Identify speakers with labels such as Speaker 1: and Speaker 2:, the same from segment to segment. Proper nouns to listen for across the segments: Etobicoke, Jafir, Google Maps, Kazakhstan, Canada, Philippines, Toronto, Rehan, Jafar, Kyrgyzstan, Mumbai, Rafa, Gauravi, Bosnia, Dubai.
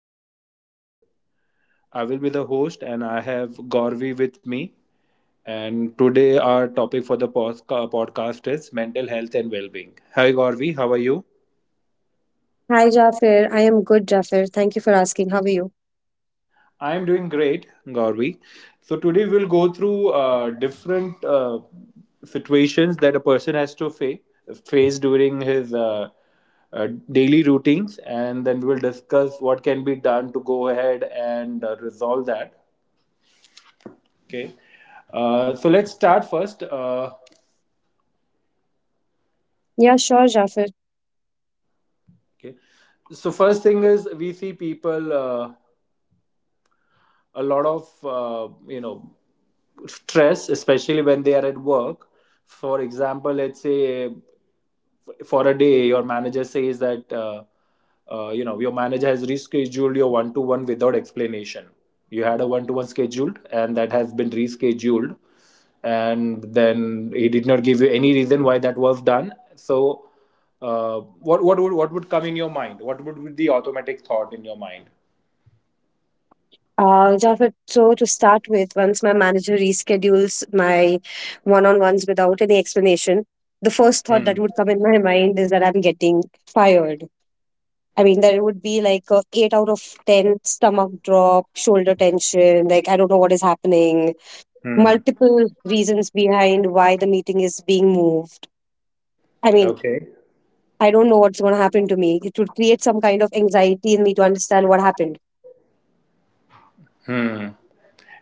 Speaker 1: I'm Jafir. I will be the host and I have Gauravi with me. And today our topic for the podcast is mental health and well-being. Hi Gauravi, how are you?
Speaker 2: Hi, Jafar. I am good, Jafar. Thank you for asking. How are you?
Speaker 1: I'm doing great, Gauravi. So today we'll go through different situations that a person has to face during his daily routines, and then we will discuss what can be done to go ahead and resolve that. Okay. So let's start first.
Speaker 2: Yeah, sure, Jafar.
Speaker 1: Okay. So first thing is we see people a lot of stress, especially when they are at work. For example, let's say for a day your manager says that you know, your manager has rescheduled your one to one without explanation. You had a one to one scheduled and that has been rescheduled, and then he did not give you any reason why that was done. So what would come in your mind? What would be the automatic thought in your mind?
Speaker 2: Jafar, so to start with, once my manager reschedules my one on ones without any explanation, the first
Speaker 1: Hmm.
Speaker 2: thought that would come in my mind is that I'm getting fired. I mean, there would be like a 8 out of 10 stomach drop, shoulder tension, like I don't know what is happening,
Speaker 1: Hmm.
Speaker 2: multiple reasons behind why the meeting is being moved. I mean,
Speaker 1: Okay.
Speaker 2: I don't know what's going to happen to me. It would create some kind of anxiety in me to understand what happened.
Speaker 1: Hmm.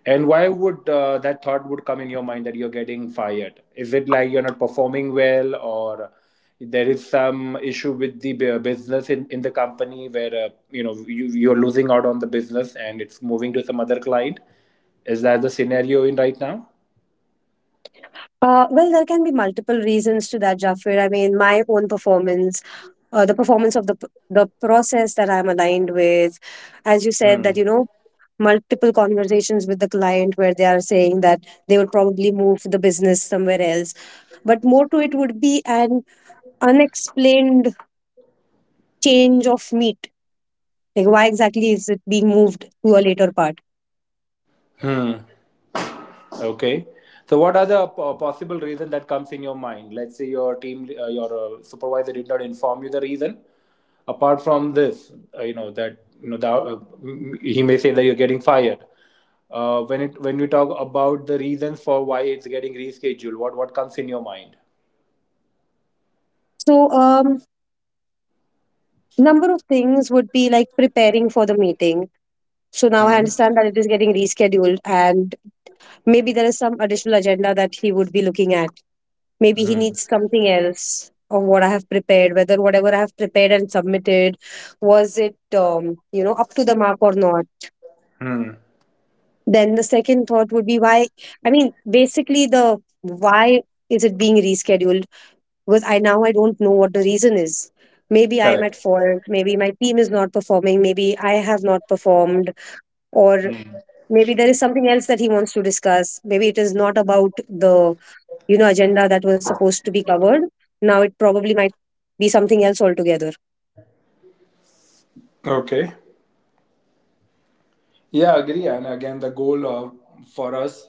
Speaker 1: And why would that thought would come in your mind that you're getting fired? Is it like you're not performing well, or there is some issue with the business in the company where you know, you're losing out on the business and it's moving to some other client? Is that the scenario in right now?
Speaker 2: Well, there can be multiple reasons to that, Jafar. I mean, my own performance, the performance of the process that I'm aligned with,
Speaker 1: Hmm.
Speaker 2: as you said that, you know, multiple conversations with the client where they are saying that they would probably move the business somewhere else, but more to it would be an unexplained change of meat. Like, why exactly is it being moved to a later part?
Speaker 1: Hmm. Okay. So what are the possible reason that comes in your mind? Let's say your team, your supervisor did not inform you the reason. Apart from this, you know that you know the, he may say that you're getting fired. When we talk about the reasons for why it's getting rescheduled, what comes in your mind?
Speaker 2: So, number of things would be like preparing for the meeting. So now I
Speaker 1: Hmm.
Speaker 2: understand that it is getting rescheduled, and maybe there is some additional agenda that he would be looking at. Maybe he
Speaker 1: Hmm.
Speaker 2: needs something else of what I have prepared, whether whatever I have prepared and submitted was it, up to the mark or not.
Speaker 1: Hmm.
Speaker 2: Then the second thought would be why, I mean, basically, the why is it being rescheduled? Because I now I don't know what the reason is. Maybe I am at
Speaker 1: Correct.
Speaker 2: fault. Maybe my team is not performing. Maybe I have not performed, or
Speaker 1: Hmm.
Speaker 2: maybe there is something else that he wants to discuss. Maybe it is not about the, you know, agenda that was supposed to be covered. Now it probably might be something else altogether.
Speaker 1: Okay. Yeah, agree. And again, the goal of, for us,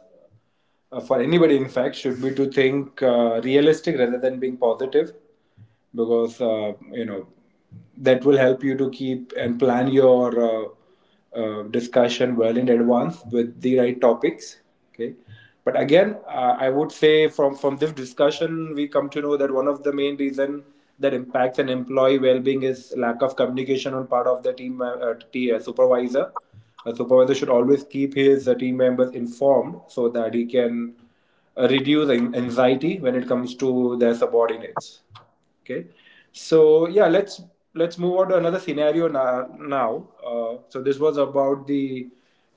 Speaker 1: for anybody in fact, should be to think realistic rather than being positive, because that will help you to keep and plan your discussion well in advance with the right topics. Okay. But again, I would say from this discussion we come to know that one of the main reason that impacts an employee well-being is lack of communication on part of the team supervisor. A supervisor should always keep his team members informed so that he can reduce anxiety when it comes to their subordinates. Okay, so yeah, let's move on to another scenario now. So this was about the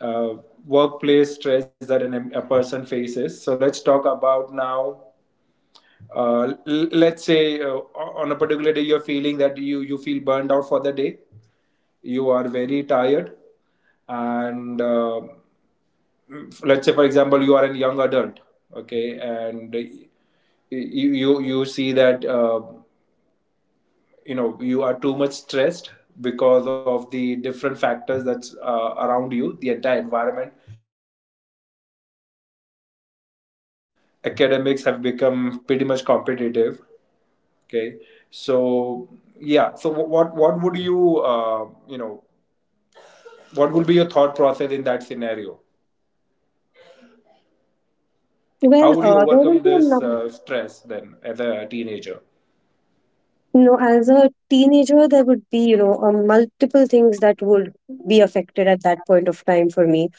Speaker 1: uh, workplace stress that a person faces. So let's talk about now. Let's say on a particular day you're feeling that you feel burned out for the day. You are very tired, and let's say, for example, you are a young adult, okay, and you see that you are too much stressed because of the different factors that's around you, the entire environment. There's a lot of competition in the job market. Academics have become pretty much competitive. Okay. So yeah, so what would you you know what would be your thought process in that scenario?
Speaker 2: Well,
Speaker 1: How would you
Speaker 2: there will
Speaker 1: overcome
Speaker 2: be a
Speaker 1: this
Speaker 2: num-
Speaker 1: stress then as a teenager?
Speaker 2: you know, as a teenager, there would be, multiple things that would be affected at that point of time for me.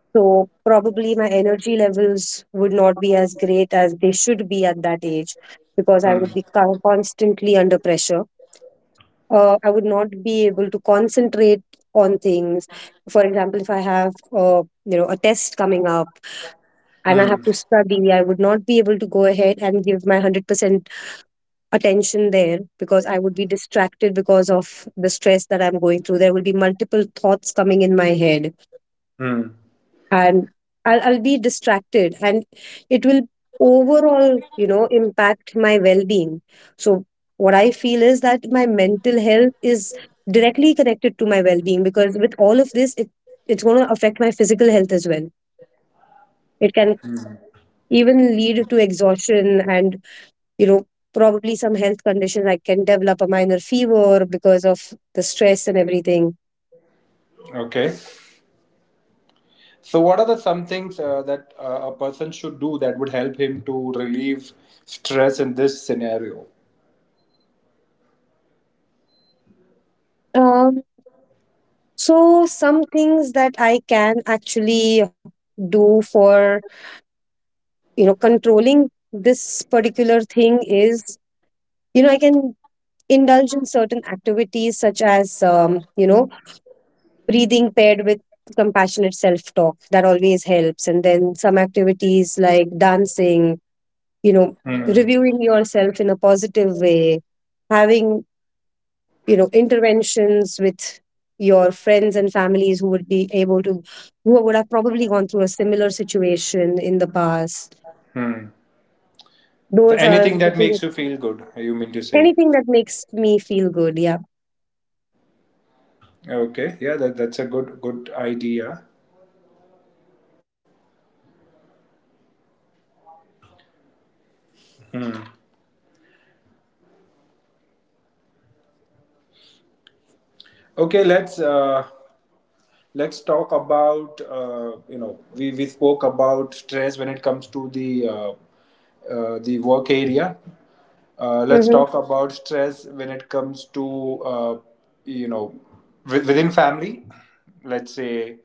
Speaker 2: So probably my energy levels would not be as great as they should be at that age because I
Speaker 1: Hmm.
Speaker 2: would be constantly under pressure. I would not be able to concentrate on things. For example, if I have, a test coming up and I have
Speaker 1: Hmm.
Speaker 2: to study, I would not be able to go ahead and give my 100% attention there because I would be distracted because of the stress that I'm going through. There will be multiple thoughts coming in my head,
Speaker 1: Hmm.
Speaker 2: and I'll be distracted, and it will overall, you know, impact my well-being. So what I feel is that my mental health is directly connected to my well-being, because with all of this, it, it's going to affect my physical health as well. It can even lead to exhaustion and, you know, probably some health conditions. I can develop a minor fever because of the stress and everything.
Speaker 1: Okay. So what are the some things that a person should do that would help him to relieve stress in this scenario?
Speaker 2: um, so some things that I can actually do for, you know, controlling this particular thing is, you know, I can indulge in certain activities such as, you know, breathing paired with compassionate self talk, that always helps, and then some activities like dancing, you know,
Speaker 1: Hmm.
Speaker 2: reviewing yourself in a positive way, having, you know, interventions with your friends and families, who would be able to, who would have probably gone through a similar situation in the past.
Speaker 1: So,
Speaker 2: Those are
Speaker 1: anything
Speaker 2: the
Speaker 1: that makes
Speaker 2: things.
Speaker 1: you feel good, you mean to say?
Speaker 2: Anything that makes me feel good, yeah.
Speaker 1: Okay, yeah, that, that's a good good idea. Okay, let's talk about we spoke about stress when it comes to the work area. Let's
Speaker 2: Hmm.
Speaker 1: talk about stress when it comes to you know within family. Let's say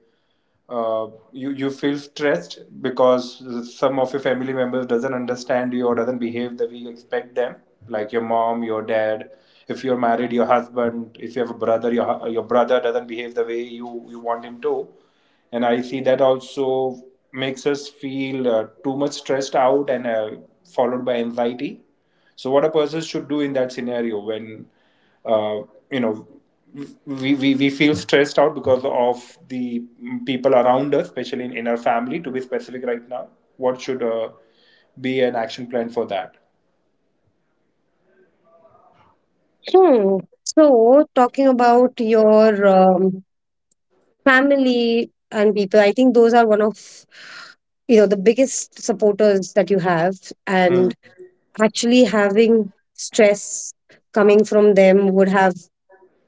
Speaker 1: uh, you you feel stressed because some of your family members doesn't understand you or doesn't behave the way you expect them, like your mom, your dad, if you're married your husband, if you have a brother your your brother doesn't behave the way you you want him to. And I see that also makes us feel too much stressed out and followed by anxiety. So what a person should do in that scenario when uh, you know we feel stressed out because of the people around us, especially in our family, to be specific right now. What should be an action plan for that?
Speaker 2: Hmm. So, talking about your, family and people, I think those are one of, you know, the biggest supporters that you have,
Speaker 1: Hmm.
Speaker 2: and actually having stress coming from them would have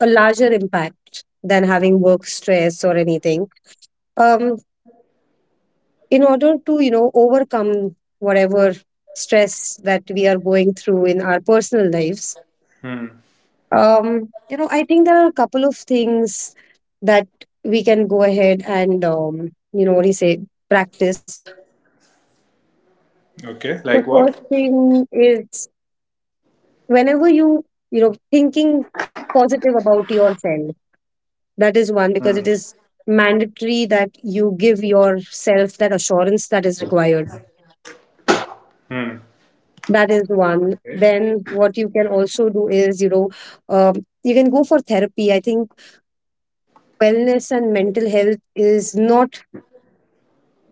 Speaker 2: a larger impact than having work stress or anything. Um, in order to, you know, overcome whatever stress that we are going through in our personal lives,
Speaker 1: Hmm.
Speaker 2: You know, I think there are a couple of things that we can go ahead and, you know, what do you say, practice.
Speaker 1: Okay, like
Speaker 2: The
Speaker 1: what?
Speaker 2: first thing is, whenever you, you know, thinking positive about yourself, that
Speaker 1: Hmm.
Speaker 2: is one, because it is mandatory that you give yourself that assurance that is required.
Speaker 1: Hmm.
Speaker 2: That is one.
Speaker 1: Okay.
Speaker 2: Then what you can also do is, you know, um, you can go for therapy. I think wellness and mental health is not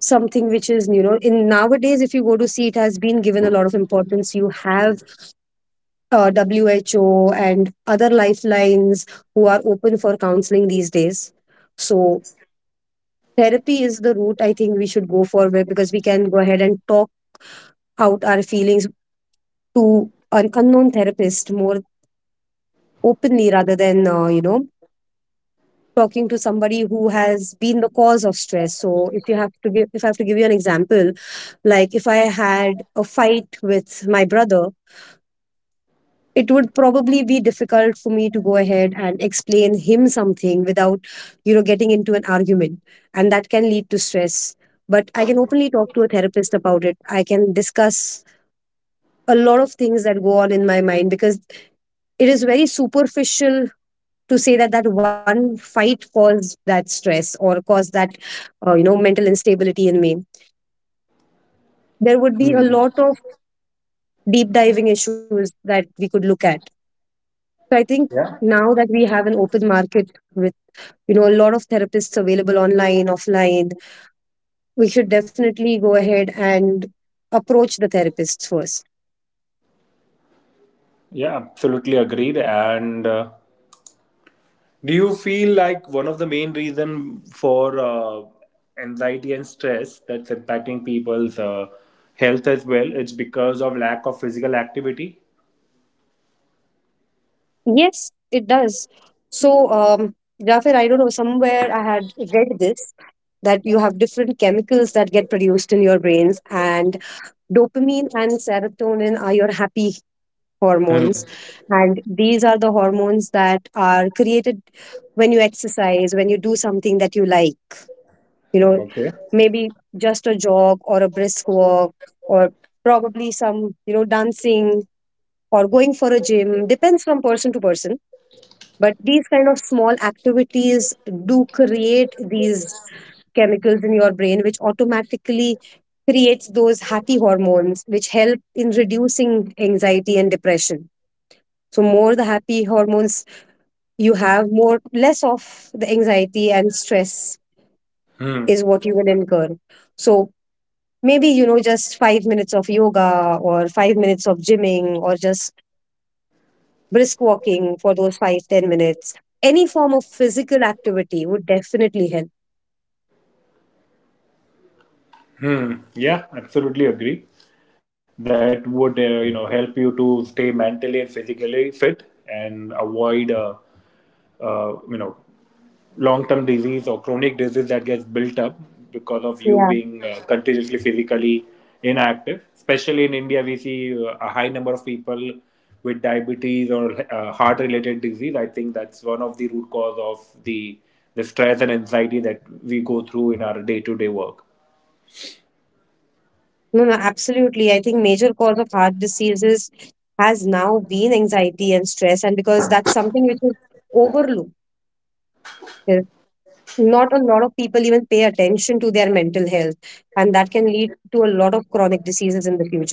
Speaker 2: something which is, you know, in nowadays, if you go to see, it has been given a lot of importance. You have, who and other lifelines who are open for counseling these days. So therapy is the route, I think, we should go for, where- because we can go ahead and talk out our feelings to an unknown therapist more openly rather than, you know, talking to somebody who has been the cause of stress. So if you have to give, if I have to give you an example, like if I had a fight with my brother, it would probably be difficult for me to go ahead and explain him something without, you know, getting into an argument, and that can lead to stress. But I can openly talk to a therapist about it. I can discuss a lot of things that go on in my mind, because it is very superficial to say that that one fight caused that stress or caused that, you know, mental instability in me. There would be a
Speaker 1: Hmm.
Speaker 2: lot of deep diving issues that we could look at. So I think,
Speaker 1: Yeah.
Speaker 2: now that we have an open market with, you know, a lot of therapists available online offline, we should definitely go ahead and approach the therapists first.
Speaker 1: Yeah, absolutely agreed. And do you feel like one of the main reason for anxiety and stress that's impacting people's health as well, it's because of lack of physical activity?
Speaker 2: Yes, it does. So, um Jafar, I don't know, somewhere I had read this, that you have different chemicals that get produced in your brains, and dopamine and serotonin are your happy
Speaker 1: Hmm.
Speaker 2: hormones. And these are the hormones that are created when you exercise, when you do something that you like. You know,
Speaker 1: Okay.
Speaker 2: maybe just a jog or a brisk walk, or probably some, you know, dancing, or going for a gym, depends from person to person. But these kind of small activities do create these chemicals in your brain, which automatically creates those happy hormones which help in reducing anxiety and depression. So more the happy hormones you have, more less of the anxiety and stress
Speaker 1: Hmm.
Speaker 2: is what you will incur. So maybe, you know, just 5 minutes of yoga or 5 minutes of gymming, or just brisk walking for those 5 to 10 minutes, any form of physical activity would definitely help.
Speaker 1: Hmm. Yeah, absolutely agree. That would help you to stay mentally and physically fit and avoid uh, you know long-term disease or chronic disease that gets built up because of you
Speaker 2: Yeah.
Speaker 1: being continuously physically inactive. Especially in India, we see a high number of people with diabetes or heart-related disease. I think that's one of the root cause of the stress and anxiety that we go through in our day-to-day work.
Speaker 2: No, absolutely, I think major cause of heart diseases has now been anxiety and stress, and because that's something which is overlooked. Uh, not a lot of people even pay attention to their mental health, and that can lead to a lot of chronic diseases in the future.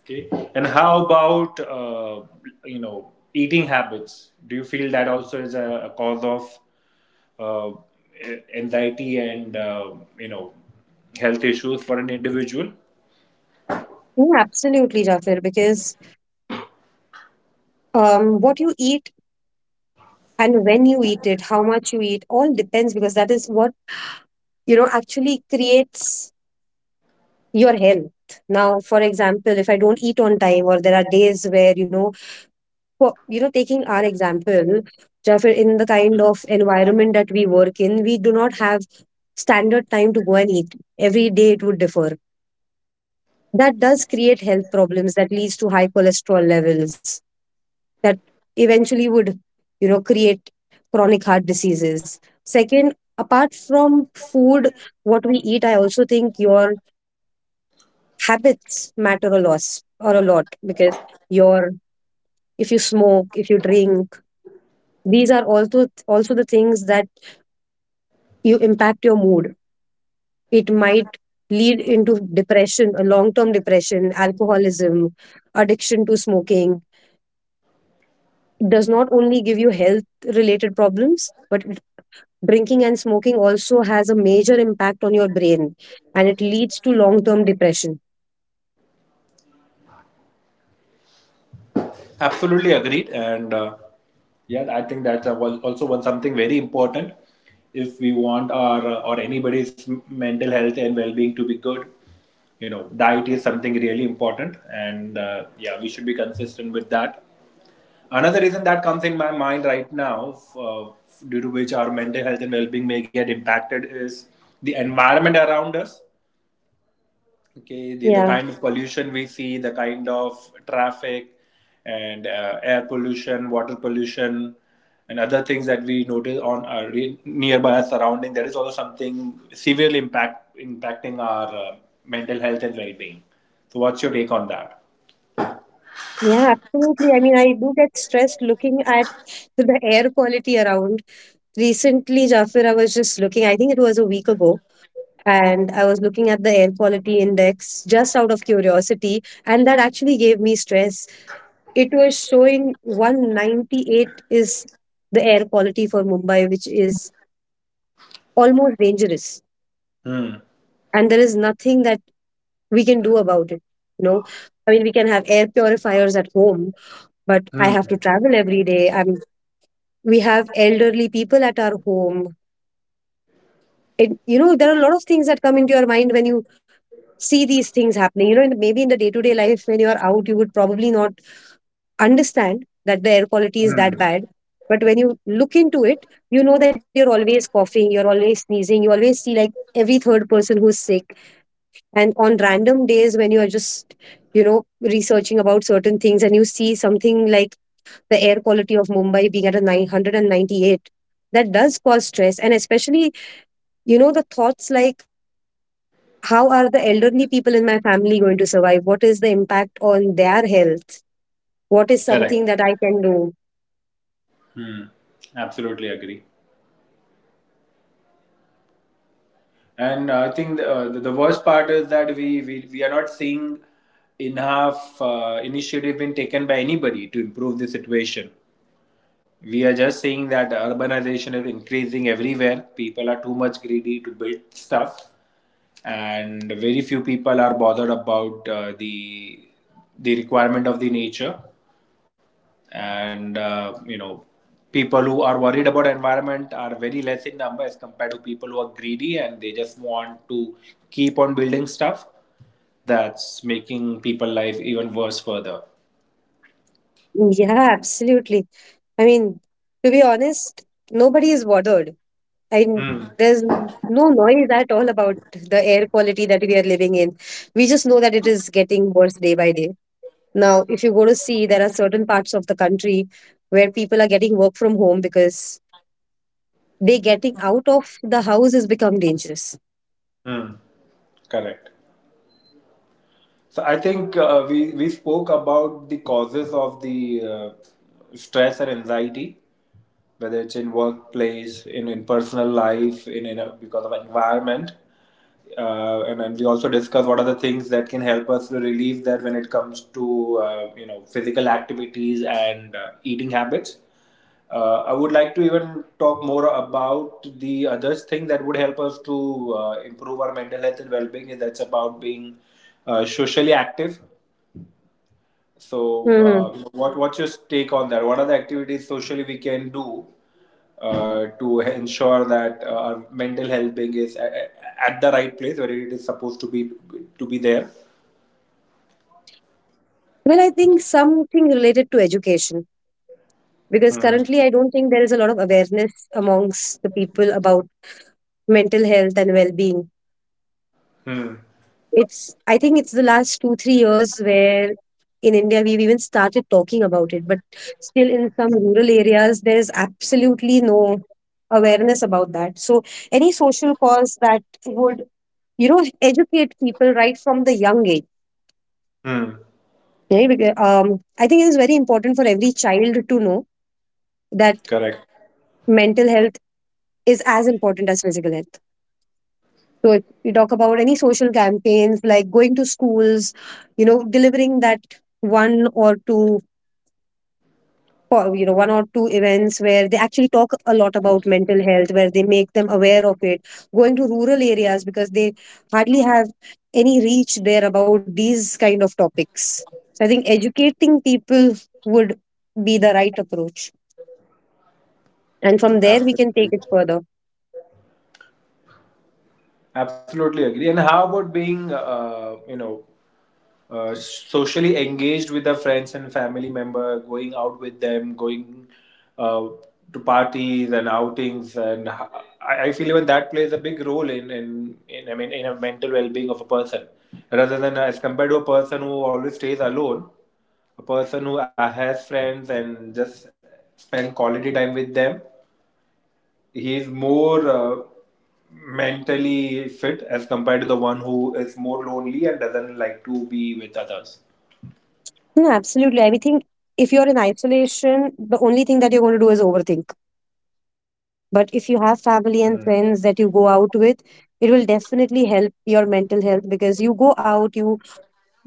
Speaker 1: Okay. And how about eating habits? Do you feel that also is a cause of uh, anxiety and you know health issues for an individual?
Speaker 2: Yeah, absolutely, Jafir, because, what you eat and when you eat it, how much you eat, all depends, because that is what, you know, actually creates your health. Now for example, if I don't eat on time, or there are days where, you know, for, you know, taking our example, Jafar, in the kind of environment that we work in, we do not have standard time to go and eat. Every day it would differ. That does create health problems, that leads to high cholesterol levels, that eventually would, you know, create chronic heart diseases. Second, apart from food, what we eat, I also think your habits matter a lot, or a lot, because your, if you smoke, if you drink, these are also the things that you impact your mood. It might lead into depression, a long term depression, alcoholism, addiction to smoking. It does not only give you health related problems, but drinking and smoking also has a major impact on your brain, and it leads to long term depression.
Speaker 1: Absolutely agreed. And yeah, I think that's a, was also one something very important if we want our or anybody's mental health and well-being to be good. You know, diet is something really important, and yeah, we should be consistent with that. Another reason that comes in my mind right now, due to which our mental health and well-being may get impacted, is the environment around us. Okay, the
Speaker 2: Yeah,
Speaker 1: kind of pollution we see, the kind of traffic, and air pollution, water pollution, and other things that we notice on our nearby surrounding. That is also something severely impacting our mental health and well-being. So, what's your take on that?
Speaker 2: yeah, absolutely. I mean, I do get stressed looking at the air quality around. Recently, Jafir, I was just looking, I think it was a week ago, and I was looking at the air quality index just out of curiosity, and that actually gave me stress. It was showing 198 is the air quality for Mumbai, which is almost dangerous.
Speaker 1: Hmm.
Speaker 2: And there is nothing that we can do about it you know I mean, we can have air purifiers at home, but I
Speaker 1: Hmm.
Speaker 2: have to travel every day. I'm We have elderly people at our home. You know, there are a lot of things that come into your mind when you see these things happening. You know, maybe in the day to day life when you are out, you would probably not understand that the air quality is
Speaker 1: Hmm.
Speaker 2: that bad. But when you look into it, you know that you're always coughing, you're always sneezing, you always see like every third person who's sick. And on random days when you are just, you know, researching about certain things and you see something like the air quality of Mumbai being at a 998, that does cause stress. And especially, you know, the thoughts like, how are the elderly people in my family going to survive? What is the impact on their health? What is something
Speaker 1: Correct.
Speaker 2: that I can do?
Speaker 1: Absolutely agree. And I think the worst part is that we are not seeing enough initiative being taken by anybody to improve the situation. We are just seeing that urbanization is increasing everywhere. People are too much greedy to build stuff, and very few people are bothered about the requirement of the nature. And people who are worried about environment are very less in number as compared to people who are greedy and they just want to keep on building stuff, that's making people life even worse further.
Speaker 2: Yeah, absolutely. I mean, to be honest, nobody is bothered. I
Speaker 1: Hmm.
Speaker 2: There's no noise at all about the air quality that we are living in. We just know that it is getting worse day by day. Now, if you go to see, there are certain parts of the country where people are getting work from home because they getting out of the house has become dangerous.
Speaker 1: Hmm. Correct. So I think we spoke about the causes of the uh, stress and anxiety, whether it's in workplace, in personal life, because of environment. And then we also discuss what are the things that can help us to relieve that when it comes to physical activities and eating habits. I would like to even talk more about the other thing that would help us to improve our mental health and well-being, is that's about being socially active. So,
Speaker 2: Hmm.
Speaker 1: what what's your take on that? What are the activities socially we can do to ensure that our mental health being is at the right place where it is supposed to be there?
Speaker 2: Well, I think something related to education, because
Speaker 1: Hmm.
Speaker 2: currently I don't think there is a lot of awareness amongst the people about mental health and well being.
Speaker 1: Hmm.
Speaker 2: It's, I think it's the last two, three years where in India we've even started talking about it, but still in some rural areas there is absolutely no awareness about that. So any social cause that would, you know, educate people right from the young age.
Speaker 1: Hmm.
Speaker 2: Right? Because, I think it is very important for every child to know that
Speaker 1: Correct.
Speaker 2: mental health is as important as physical health. So if we talk about any social campaigns like going to schools, you know, delivering that one or two, for one or two events where they actually talk a lot about mental health, where they make them aware of it, going to rural areas because they hardly have any reach there about these kind of topics. So I think educating people would be the right approach, and from there we can take
Speaker 1: Absolutely.
Speaker 2: it further.
Speaker 1: Absolutely agree. And how about being, socially engaged with the friends and family member, going out with them, going uh, to parties and outings, and I feel even that plays a big role in in, I mean in a mental well being of a person, rather than as compared to a person who always stays alone. A person who has friends and just spend quality time with them, he is more. Mentally fit as compared to the one who is more lonely and doesn't like to be with others.
Speaker 2: No, absolutely. I think if you're in isolation, the only thing that you're going to do is overthink.
Speaker 1: Hmm.
Speaker 2: But if you have family and friends that you go out with, it will definitely help your mental health, because you go out, you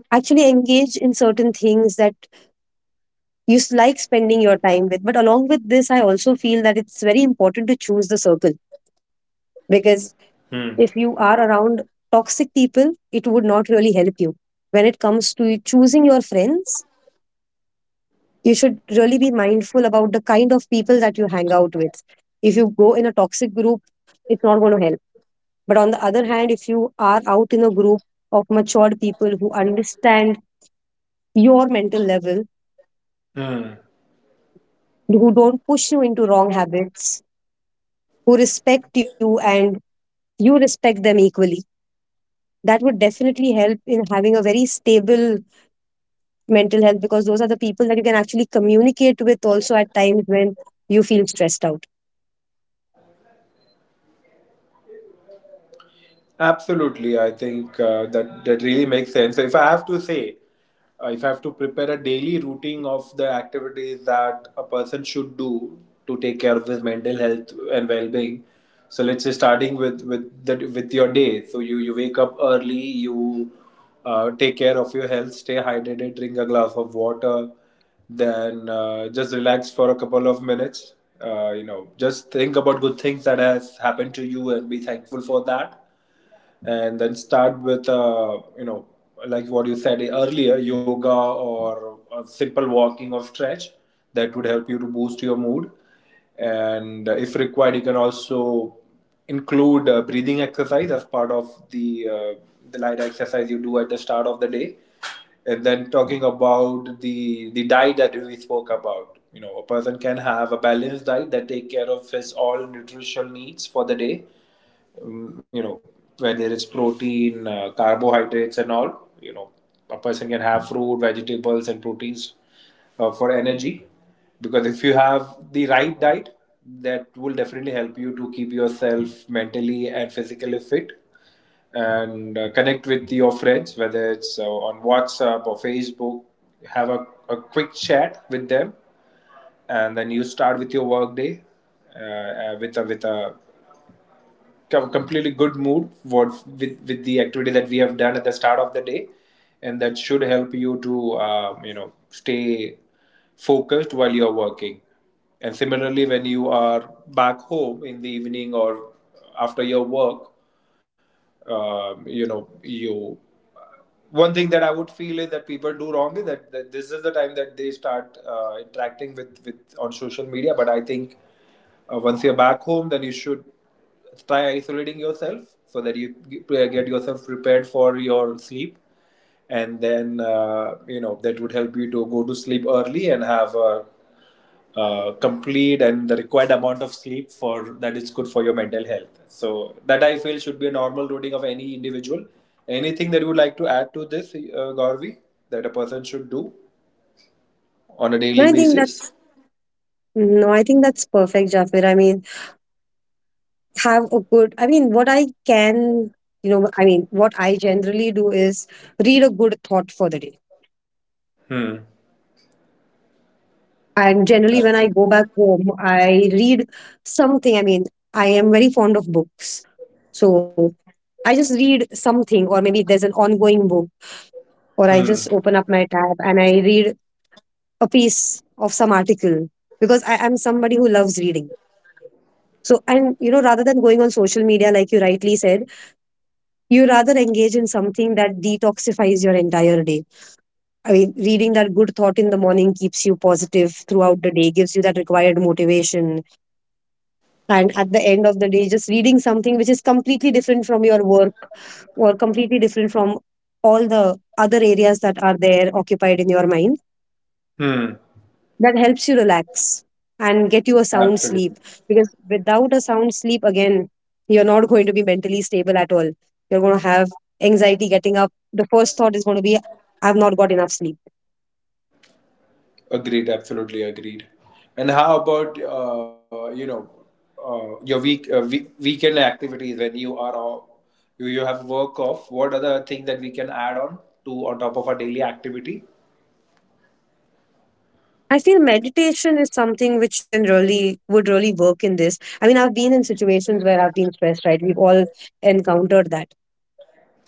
Speaker 2: actually engage in certain things that like spending your time with. But along with this, I also feel that it's very important to choose the circle, because
Speaker 1: 嗯
Speaker 2: if you are around toxic people, it would not really help you. When it comes to choosing your friends, you should really be mindful about the kind of people that you hang out with. If you go in a toxic group, it's not going to help. But on the other hand, if you are out in a group of matured people who understand your mental level,
Speaker 1: 嗯。
Speaker 2: who don't push you into wrong habits, who respect you and you respect them equally. That would definitely help in having a very stable mental health, because those are the people that you can actually communicate with also at times when you feel stressed out.
Speaker 1: Absolutely, I think that that really makes sense. So if I have to say, if I have to prepare a daily routine of the activities that a person should do to take care of his mental health and well-being, so let's say starting with with your day. So you wake up early, you take care of your health, stay hydrated, drink a glass of water, then just relax for a couple of minutes. Just think about good things that has happened to you and be thankful for that, and then start with like what you said earlier, yoga or a simple walking or stretch that would help you to boost your mood. And if required, you can also include breathing exercise as part of the the light exercise you do at the start of the day. And then talking about the diet that we spoke about, a person can have a balanced diet that take care of his all nutritional needs for the day, um, you know where there is protein, carbohydrates and all, a person can have fruit, vegetables and proteins for energy. Because if you have the right diet, that will definitely help you to keep yourself mentally and physically fit. And connect with your friends, whether it's on whatsapp or facebook, have a quick chat with them, and then you start with your work day uh, with a completely good mood what with the activity that we have done at the start of the day. And that should help you to stay focused while you're working. And similarly, when you are back home in the evening or after your work, you know you one thing that I would feel is that people do wrong is that this is the time that they start interacting with, on social media. But I think once you're back home, then you should try isolating yourself so that you get yourself prepared for your sleep. And then, that would help you to go to sleep early and have a complete and the required amount of sleep for that is good for your mental health. So that I feel should be a normal routine of any individual. Anything that you would like to add to this, Gauravi, that a person should do on a daily
Speaker 2: And I think
Speaker 1: basis?
Speaker 2: that's No, I think that's perfect, Jafir. I mean, have a good I mean, what I can you know, I mean, what I generally do is read a good thought for the day.
Speaker 1: Hmm.
Speaker 2: And generally, when I go
Speaker 1: Absolutely.
Speaker 2: back home, I read something. I mean, I am very fond of books. So I just read something, or maybe there's an ongoing book, or I just
Speaker 1: Hmm.
Speaker 2: open up my tab and I read a piece of some article, because I am somebody who loves reading. So, and you know, rather than going on social media, like you rightly said, you rather engage in something that detoxifies your entire day. I mean, reading that good thought in the morning keeps you positive throughout the day, gives you that required motivation, and at the end of the day just reading something which is completely different from your work or completely different from all the other areas that are there occupied in your mind,
Speaker 1: Hmm.
Speaker 2: that helps you relax and get you a sound
Speaker 1: Absolutely.
Speaker 2: sleep. Because without a sound sleep again, you're not going to be mentally stable at all. You're going to have anxiety. Getting up, the first thought is going to be, I've not got enough sleep.
Speaker 1: Agreed, absolutely agreed. And how about your week, weekend activities when you are off, you have work off? What other thing that we can add on to on top of our daily activity?
Speaker 2: I feel meditation is something which you can really would really work in this. I mean, I've been in situations where I've been stressed, right? We've all encountered that.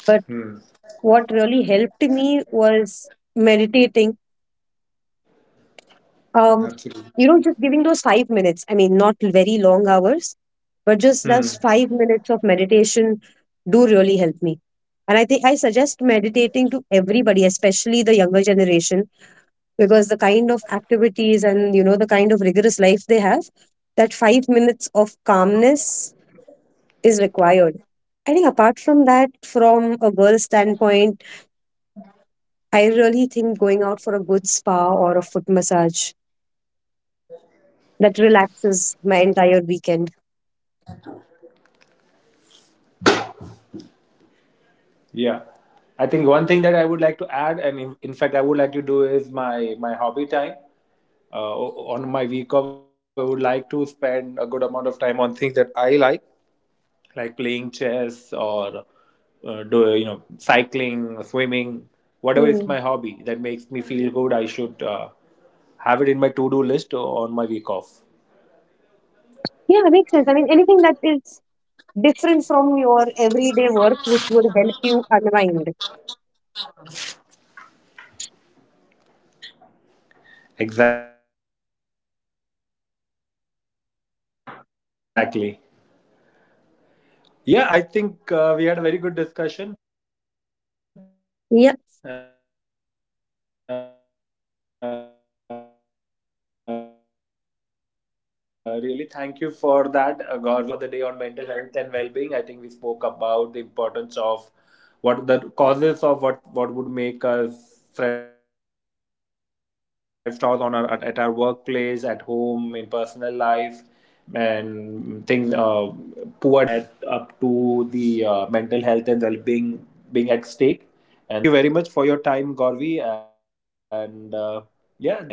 Speaker 2: But
Speaker 1: Hmm.
Speaker 2: what really helped me was meditating. Um,
Speaker 1: Absolutely.
Speaker 2: you know, just giving those 5 minutes. I mean, not very long hours, but just those
Speaker 1: Hmm.
Speaker 2: 5 minutes of meditation do really help me. And I think I suggest meditating to everybody, especially the younger generation, because the kind of activities and you know the kind of rigorous life they have, that 5 minutes of calmness is required. I think apart from that, from a girl's standpoint, I really think going out for a good spa or a foot massage that relaxes my entire weekend.
Speaker 1: Yeah. I think one thing that I would like to add, and in fact, I would like to do is my hobby time. On my week off, I would like to spend a good amount of time on things that I like. Like playing chess or do you know, cycling, swimming, whatever
Speaker 2: Hmm.
Speaker 1: is my hobby that makes me feel good. I should have it in my to-do list on my week off.
Speaker 2: Yeah, makes sense. I mean, anything that is different from your everyday work, which would help you unwind.
Speaker 1: Exactly. Yeah, I think we had a very good discussion. Really, thank you for that, Gauri. And yeah, to so just to wrap
Speaker 2: Yeah.
Speaker 1: up our discussion for the day on mental health and well-being, I think we spoke about the importance of what the causes of what would make us self-doubt on our at our workplace, at home, in personal life, and things poor diet or poor physical activities that can add up to the mental health and well-being being at stake. And then we spoke in detail about the things that we can do to avoid it. So thank you very much for your time, Gorvi, and yeah with this, I would like to bring our podcast to an end.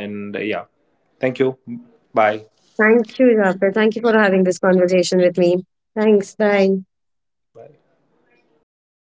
Speaker 1: And thank you.
Speaker 2: Thank you,
Speaker 1: Bye
Speaker 2: Rafa. Thank you for having this conversation with me. Thanks. Bye.
Speaker 1: bye.